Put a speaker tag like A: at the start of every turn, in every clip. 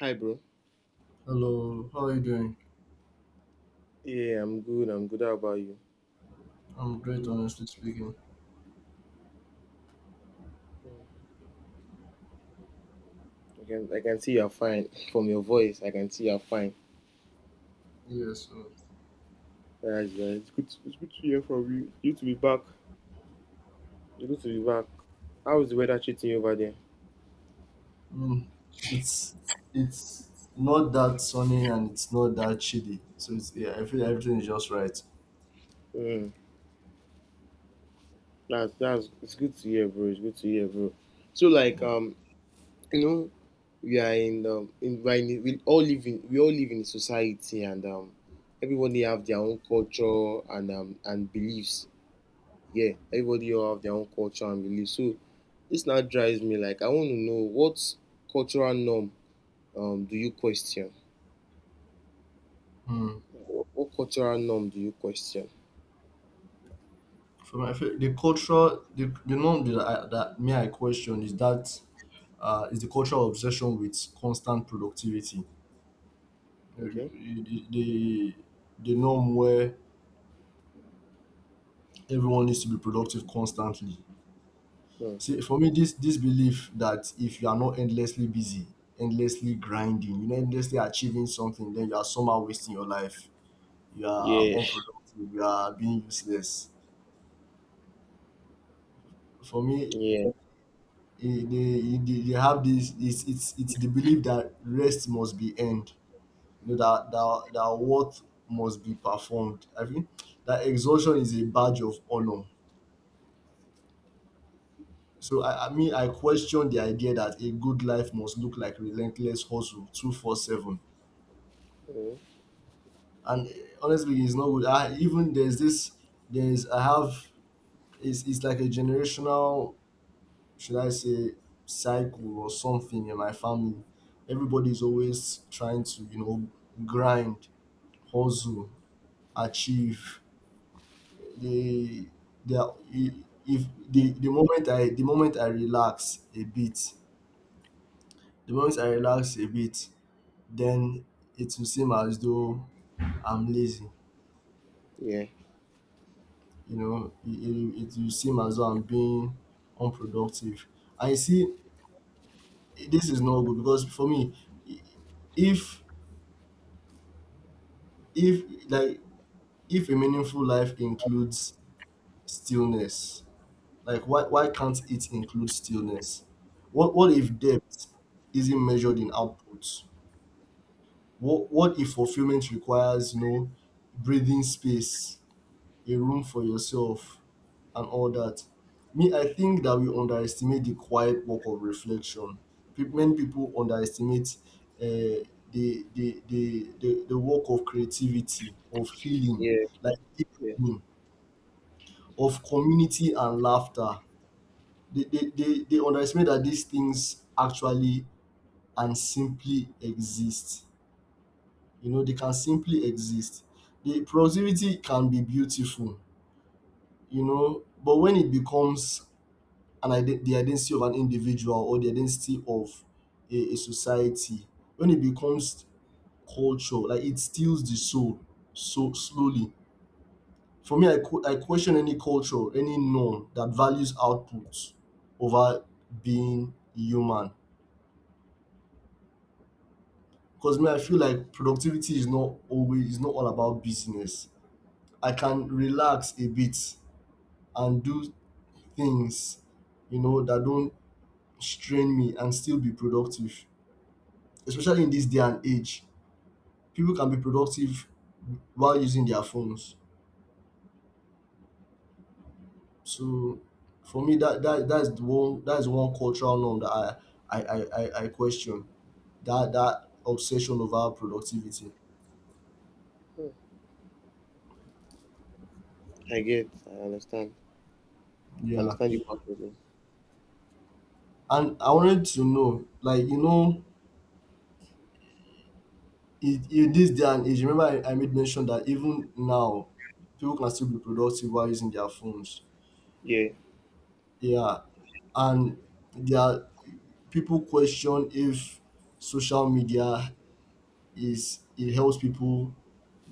A: Hi, bro.
B: Hello, how are you doing?
A: Yeah, I'm good. I'm good. How about you?
B: I'm great, honestly speaking.
A: Mm. I can see you're fine from your voice. I can see you're fine.
B: Yeah, so
A: That's it's good. It's good to hear from you. You to be back. It's good to be back. How is the weather treating you over there?
B: I mean, it's it's not that sunny and it's not that chilly, so it's. I feel everything is just right.
A: Mm. That's it's good to hear, bro. It's good to hear, bro. So like
B: Yeah.
A: um, you know, we are in we all live in we all live in a society and everybody have their own culture and and beliefs. Yeah, everybody all have their own culture and belief. So this now drives me like I want to know what cultural norm do you question?
B: Hmm.
A: What cultural norm do you question?
B: For my feel the cultural, the norm that that me I question is that is the cultural obsession with constant productivity.
A: Okay.
B: The the, the norm where everyone needs to be productive constantly.
A: Hmm.
B: See, for me, this belief that if you are not endlessly busy, endlessly grinding, you know, endlessly achieving something, then you are somehow wasting your life. You are
A: Yeah.
B: unproductive. You are being useless. For me,
A: Yeah.
B: they have this. It's the belief that rest must be earned. You know that work must be performed. I think that exhaustion is a badge of honor. So I question the idea that a good life must look like relentless hustle, 24/7.
A: Hmm.
B: And honestly, it's not good. Even there's this there's I have it's like a generational, should I say cycle or something in my family. Everybody's always trying to, you know, grind, hustle, achieve. They they are, I- if the moment I the moment I relax a bit the moment I relax a bit, then it will seem as though I'm lazy.
A: Yeah.
B: You know, it will seem as though I'm being unproductive. And you see, this is not good because for me, if if like if a meaningful life includes stillness, like why can't it include stillness? What
A: Hmm.
B: if depth isn't measured in output? What if fulfillment requires, you know, breathing space, a room for yourself, and all that. Me, I think that we underestimate the quiet work of reflection. Many people underestimate uh, the work of creativity, of healing,
A: Yeah.
B: like
A: Yeah.
B: healing, of community and laughter. They underestimate that these things actually and simply exist. You know, they can simply exist. The productivity can be beautiful, you know, but when it becomes the identity of an individual or the identity of a society. When it becomes culture, like it steals the soul so slowly. For me, I question any culture, any norm that values output over being human. Because me, I feel like productivity is not all about business. I can relax a bit and do things, you know, that don't strain me and still be productive, especially in this day and age. People can be productive while using their phones. So for me, that's one cultural norm that I question, that that obsession over productivity.
A: Hmm. I get. I understand. I
B: Yeah,
A: understand you perfectly.
B: and I wanted to know, like, you know, in, this day and age, remember I made mention that even now, people can still be productive while using their phones.
A: Yeah.
B: Yeah, and there are people question if social media is it helps people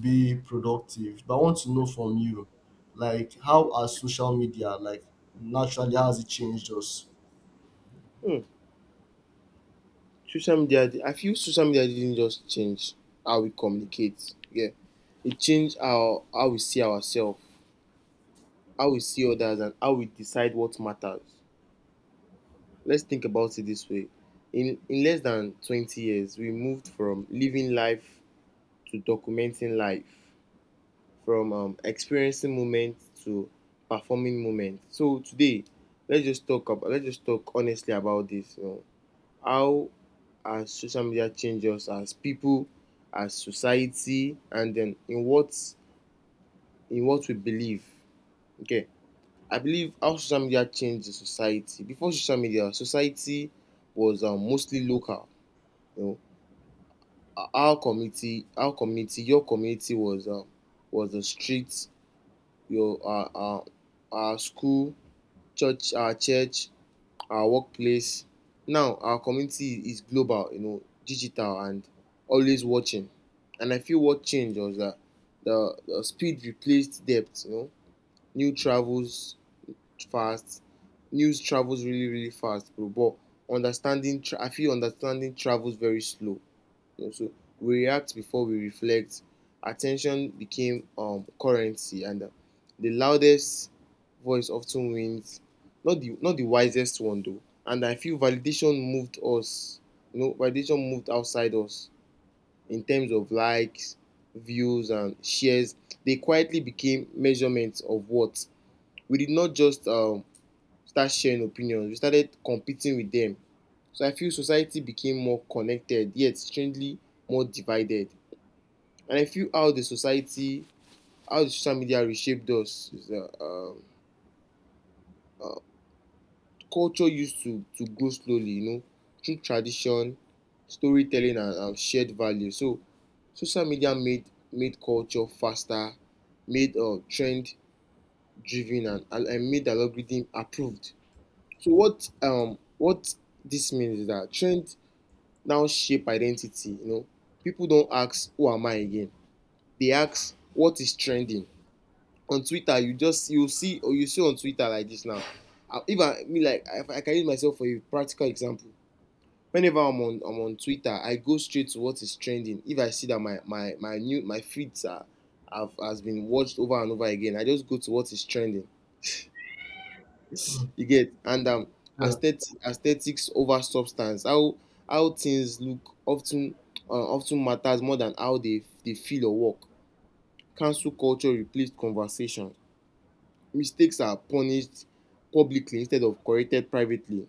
B: be productive. But I want to know from you, like, how has social media, like, naturally how has it changed us?
A: Hmm. Social media. I feel social media didn't just change how we communicate. Yeah. It changed how we see ourselves, how we see others, and how we decide what matters. Let's think about it this way. In less than 20 years, we moved from living life to documenting life, from experiencing moments to performing moments. So today, let's just talk honestly about this. You know, how has social media changed us as people, as society, and then in what we believe. Okay, I believe how social media changed the society. Before social media, society was mostly local, you know, our community, your community was the street, your uh, our school, church, our workplace. Now our community is global, you know, digital and always watching. And I feel what changed was that the speed replaced depth. You know, new travels fast, news travels really fast, bro. But understanding, I feel understanding travels very slow. You know, so we react before we reflect. Attention became currency, and the loudest voice often wins. Not the not the wisest one though. And I feel validation moved us. You know, validation moved outside us in terms of likes, views, and shares. They quietly became measurements of what we did, not just start sharing opinions. We started competing with them. So I feel society became more connected, yet strangely more divided. And I feel how the society, how the social media reshaped us is that culture used to grow slowly, you know, through tradition, storytelling, and shared value. So social media made culture faster, made trend driven, and made algorithm approved. So what this means is that trend now shape identity. You know, people don't ask who am I again. They ask what is trending. On Twitter, you just you see or you see on Twitter like this now. I, if I me like if I can use myself for a practical example. Whenever I'm on Twitter, I go straight to what is trending. If I see that my feeds are have has been watched over and over again, I just go to what is trending.
B: Mm.
A: You get. And
B: Yeah,
A: aesthetic aesthetics over substance. How things look often often matters more than how they feel or work. Cancel culture replaced conversation. Mistakes are punished publicly instead of corrected privately.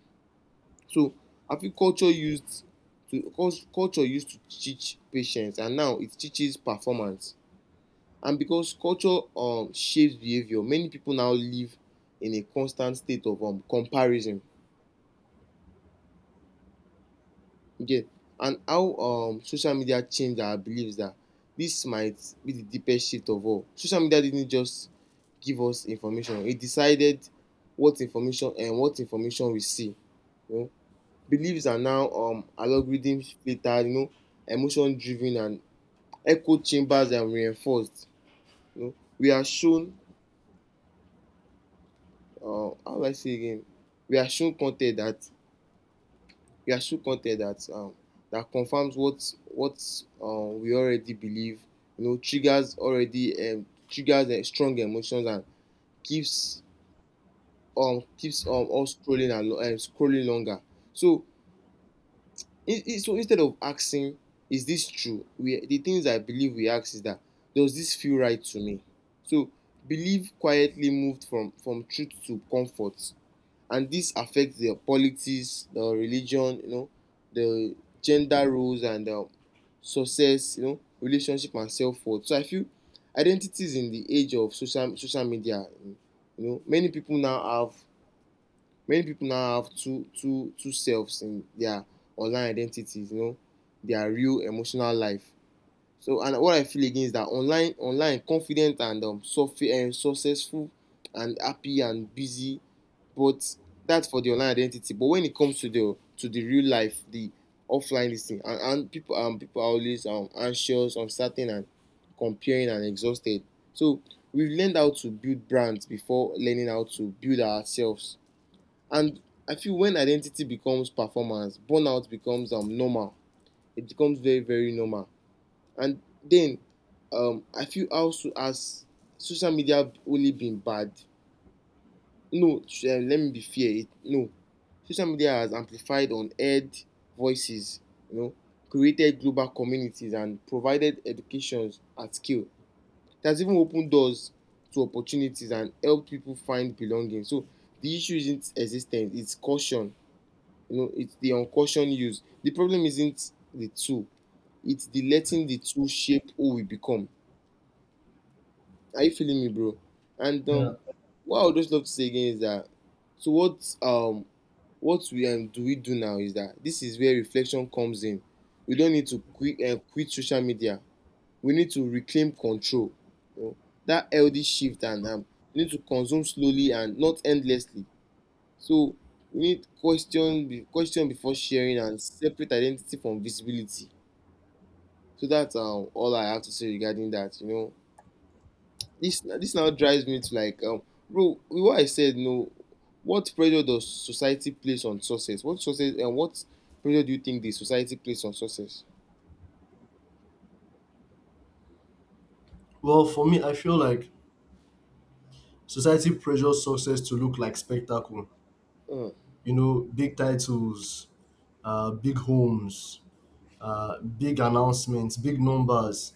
A: So I feel to culture used to teach patience, and now it teaches performance. And because culture shapes behavior, many people now live in a constant state of comparison there. And how social media change our beliefs, that this might be the deepest shift of all. Social media didn't just give us information, it decided what information we see. You know, beliefs are now algorithm filtered, you know, emotion driven, and echo chambers and reinforced. You know, we are shown how will I say again, we are shown con ten t that we are so content that that confirms what we already believe. You know, triggers strong emotions and keeps keeps us scrolling and scrolling longer. So, so instead of asking, is this true? We the things I believe we ask is that, does this feel right to me? So, believe quietly moved from truth to comfort. And this affects their politics, their religion, you know, their gender roles and success, you know, relationship and self worth. So I feel identity is in the age of social media. You know, many people now have two two selves in their online identities. You know, their real emotional life. So and what I feel again is that online confident and successful and happy and busy, but that's for the online identity. But when it comes to the real life, the offline this thing, and people people are always anxious, uncertain, and comparing and exhausted. So we've learned how to build brands before learning how to build ourselves. And I feel when identity becomes performance, burnout becomes normal. It becomes very normal. And then I feel also as social media only been bad. No, let me be fair. No, social media has amplified unheard voices, you know, created global communities and provided educations at scale. It has even opened doors to opportunities and helped people find belonging. So the issue isn't existence, it's caution. You know, it's the uncautioned use. The problem isn't the tool, it's the letting the tool shape who we become. Are you feeling me, bro? And
B: yeah.
A: what I would just love to say again is that so what we do we do now is that this is where reflection comes in. We don't need to quit quit social media. We need to reclaim control. You know, that healthy shift. And we need to consume slowly and not endlessly. So we need question before sharing and separate identity from visibility. So that's all I have to say regarding that. You know, this now drives me to like bro what I said no, what pressure does society place on success, what success and what pressure do you think the society place on success?
B: Well, for me, I feel like society pressures success to look like spectacle.
A: uh,
B: You know, big titles, big homes, big announcements, big numbers.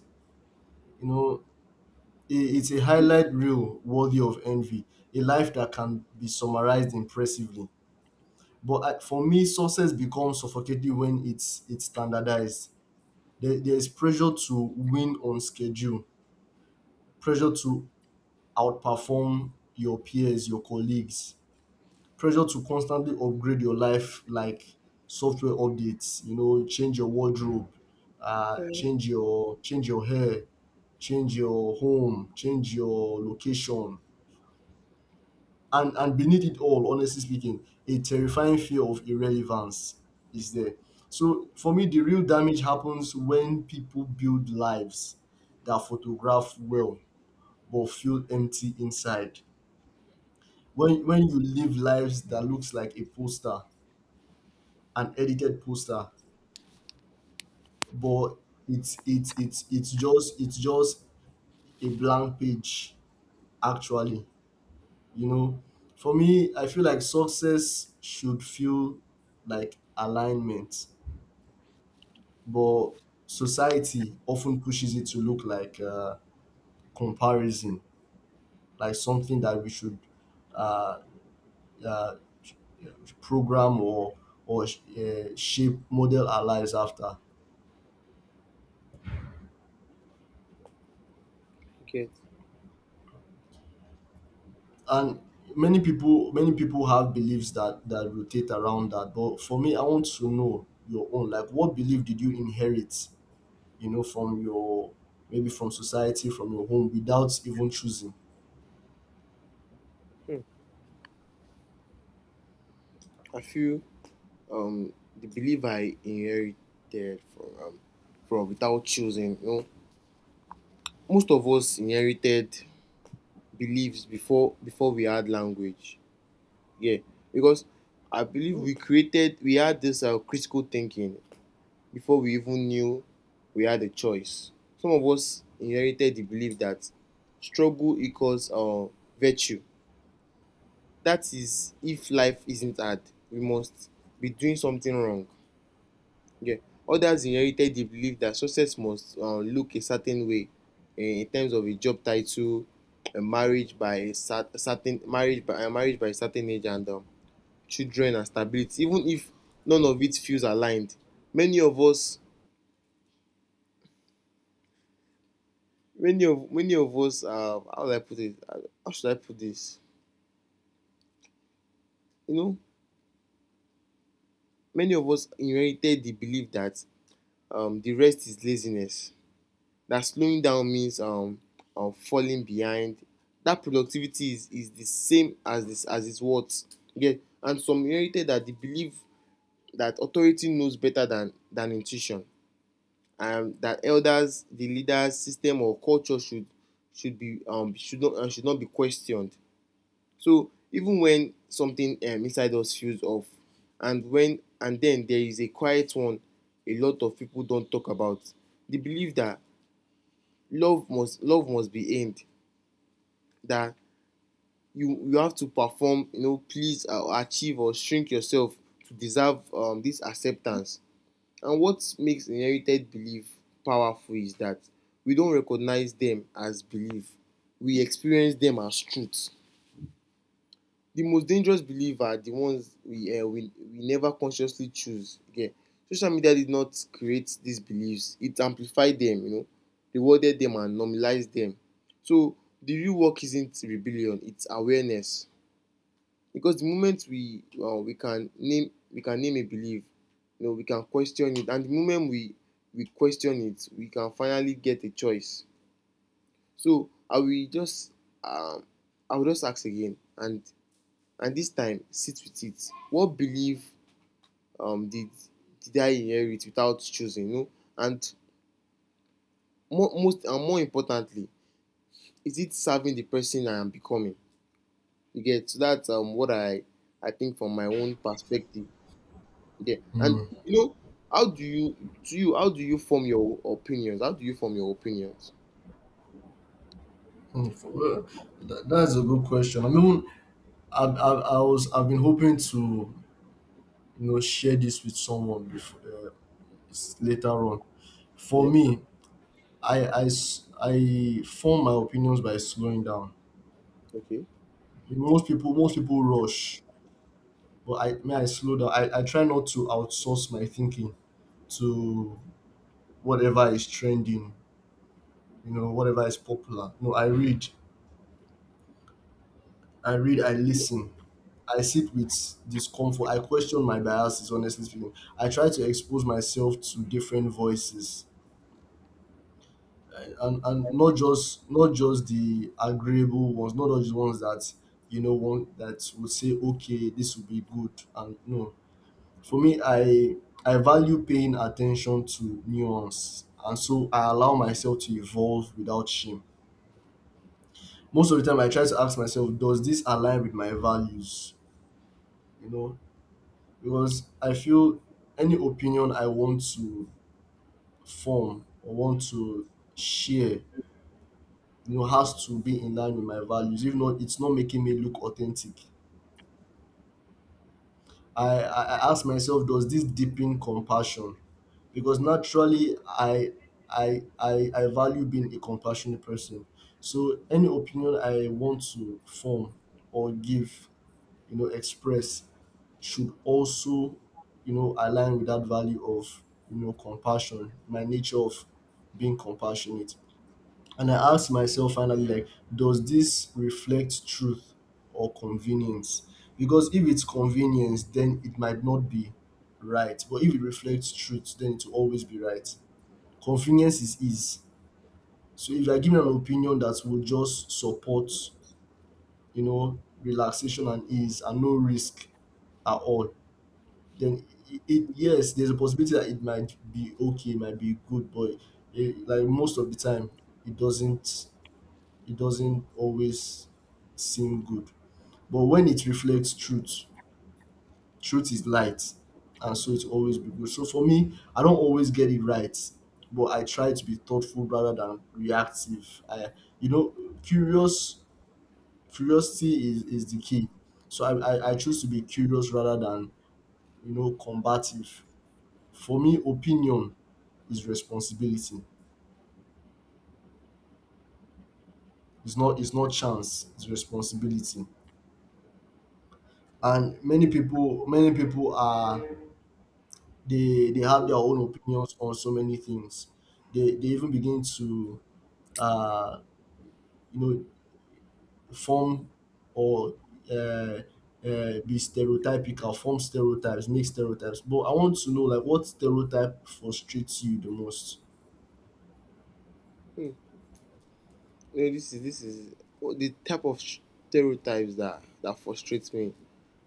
B: You know, it's a highlight reel worthy of envy, a life that can be summarized impressively. But for me, success becomes suffocating when it's standardized. There's pressure to win on schedule, pressure to outperform your peers, your colleagues, pressure to constantly upgrade your life like software updates. You know, change your wardrobe, change your hair, change your home, change your location, and beneath it all, honestly speaking, a terrifying fear of irrelevance is there. So for me, the real damage happens when people build lives that photograph well but feel empty inside, when you live lives that looks like a poster, an edited poster, but it's just a blank page, actually. You know, for me, I feel like success should feel like alignment, but society often pushes it to look like comparison, like something that we should uh, uh, program or shape model our lives after.
A: okay,
B: And many people have beliefs that rotate around that. But for me, I want to know your own. Like, what belief did you inherit, you know, from your, maybe from society, from your home without even choosing?
A: I feel the belief I inherited from from without choosing, you know, most of us inherited beliefs before we had language. Yeah, because I believe we created we had this critical thinking before we even knew we had a choice. Some of us inherited the belief that struggle equals virtue. That is, if life isn't hard, we must be doing something wrong. Okay. Others inherited the belief that success must look a certain way, in terms of a job title, a marriage by a certain marriage by a certain age, and children and stability. Even if none of it feels aligned, many of us many of us, how do I put it? How should I put this? You know, many of us inherited the belief that the rest is laziness. That slowing down means falling behind. That productivity is the same as this as its worth. Yeah, and some inherited that the belief that authority knows better than intuition, and that elders, the leaders, system or culture should be should not be questioned. So even when something inside us feels off, and when and then there is a quiet one a lot of people don't talk about, the belief that love must be aimed, that you have to perform, you know, please or achieve or shrink yourself to deserve this acceptance. And what makes inherited belief powerful is that we don't recognize them as belief, we experience them as truth. The most dangerous belief are the ones we never consciously choose. Okay, social media did not create these beliefs, it amplified them, you know, rewarded them and normalized them. So the real work isn't rebellion, it's awareness. Because the moment we can name a belief, you know, we can question it, and the moment we question it, we can finally get a choice. So I will just um ask again, and this time sit with it. What belief um, did did I inherit without choosing? You know, and most and more importantly, is it serving the person I am becoming? You get. So that's what I think from my own perspective. Yeah, and you know, how do you form your opinions? How do you form your opinions?
B: Hmm, well, that's a good question. I mean, I was, I've been hoping to, you know, share this with someone before later on. For
A: Yeah.
B: me, I form my opinions by slowing down.
A: Okay.
B: Most people rush, but I slow down. I try not to outsource my thinking to whatever is trending, you know, whatever is popular. No, I read. I read, I listen. I sit with discomfort. I question my biases, honestly speaking. I try to expose myself to different voices. And, not just the agreeable ones, not just the ones that, you know, one that would say, okay, this will be good. And no. For me, I value paying attention to nuance. And so I allow myself to evolve without shame. Most of the time I try to ask myself, does this align with my values? You know, because I feel any opinion I want to form or want to share, you know, has to be in line with my values. If not, it's not making me look authentic. I ask myself, does this deepen compassion? Because naturally, I value being a compassionate person. So any opinion I want to form or give, you know, express should also, you know, align with that value of, you know, compassion, my nature of being compassionate. And I ask myself finally, like, does this reflect truth or convenience? Because if it's convenience, then it might not be right, but if it reflects truth, then it will always be right. Convenience is ease. So if I give an opinion that will just support, you know, relaxation and ease and no risk at all, then it, yes, there's a possibility that it might be okay, it might be good, but like most of the time it doesn't, it doesn't always seem good. But when it reflects truth, truth is light, and so it always be good. So for me, I don't always get it right, but I try to be thoughtful rather than reactive. I You know, curious, curiosity is the key. So I choose to be curious rather than, you know, combative. For me, opinion is responsibility. It's not, chance, it's responsibility. And many people are, they have their own opinions on so many things. They even begin to uh you know, form or uh, be stereotypical, form stereotypes, make stereotypes. But I want to know, like, what stereotype frustrates you the most.
A: Hmm. No, this is what the type of stereotypes that frustrates me.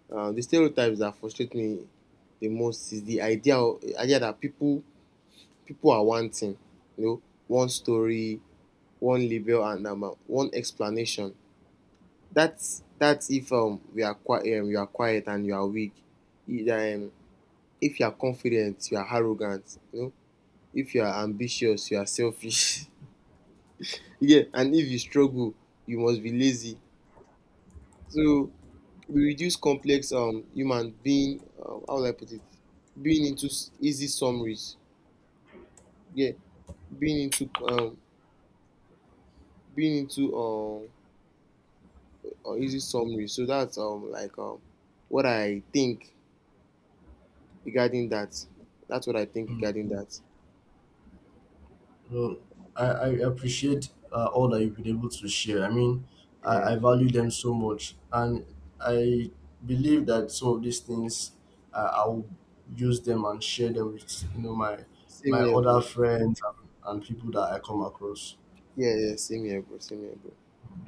A: Uh, the stereotypes that frustrate me the most is idea that people people are wanting, you know, one story, one label, and one explanation. That's if we are quiet you are quiet and you are weak. Either, if you are confident you are arrogant, you know, if you are ambitious you are selfish. Yeah, and if you struggle you must be lazy. So we reduce complex human being how will I put it, being into easy summaries. Yeah, being into um being into easy summaries. So that's what I think regarding that. That's what I think
B: Mm.
A: regarding that.
B: Well, I appreciate, all that you've been able to share. I mean,
A: Yeah,
B: I value them so much. And I believe that some of these things, I'll use them and share them with, you know, my
A: same here,
B: other
A: bro.
B: friends and, people that I come across.
A: Yeah, yeah, same here, bro. Same here, bro.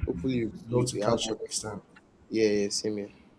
A: Hopefully
B: Love to
A: we have
B: catch you
A: more.
B: next time.
A: Yeah, yeah, same here.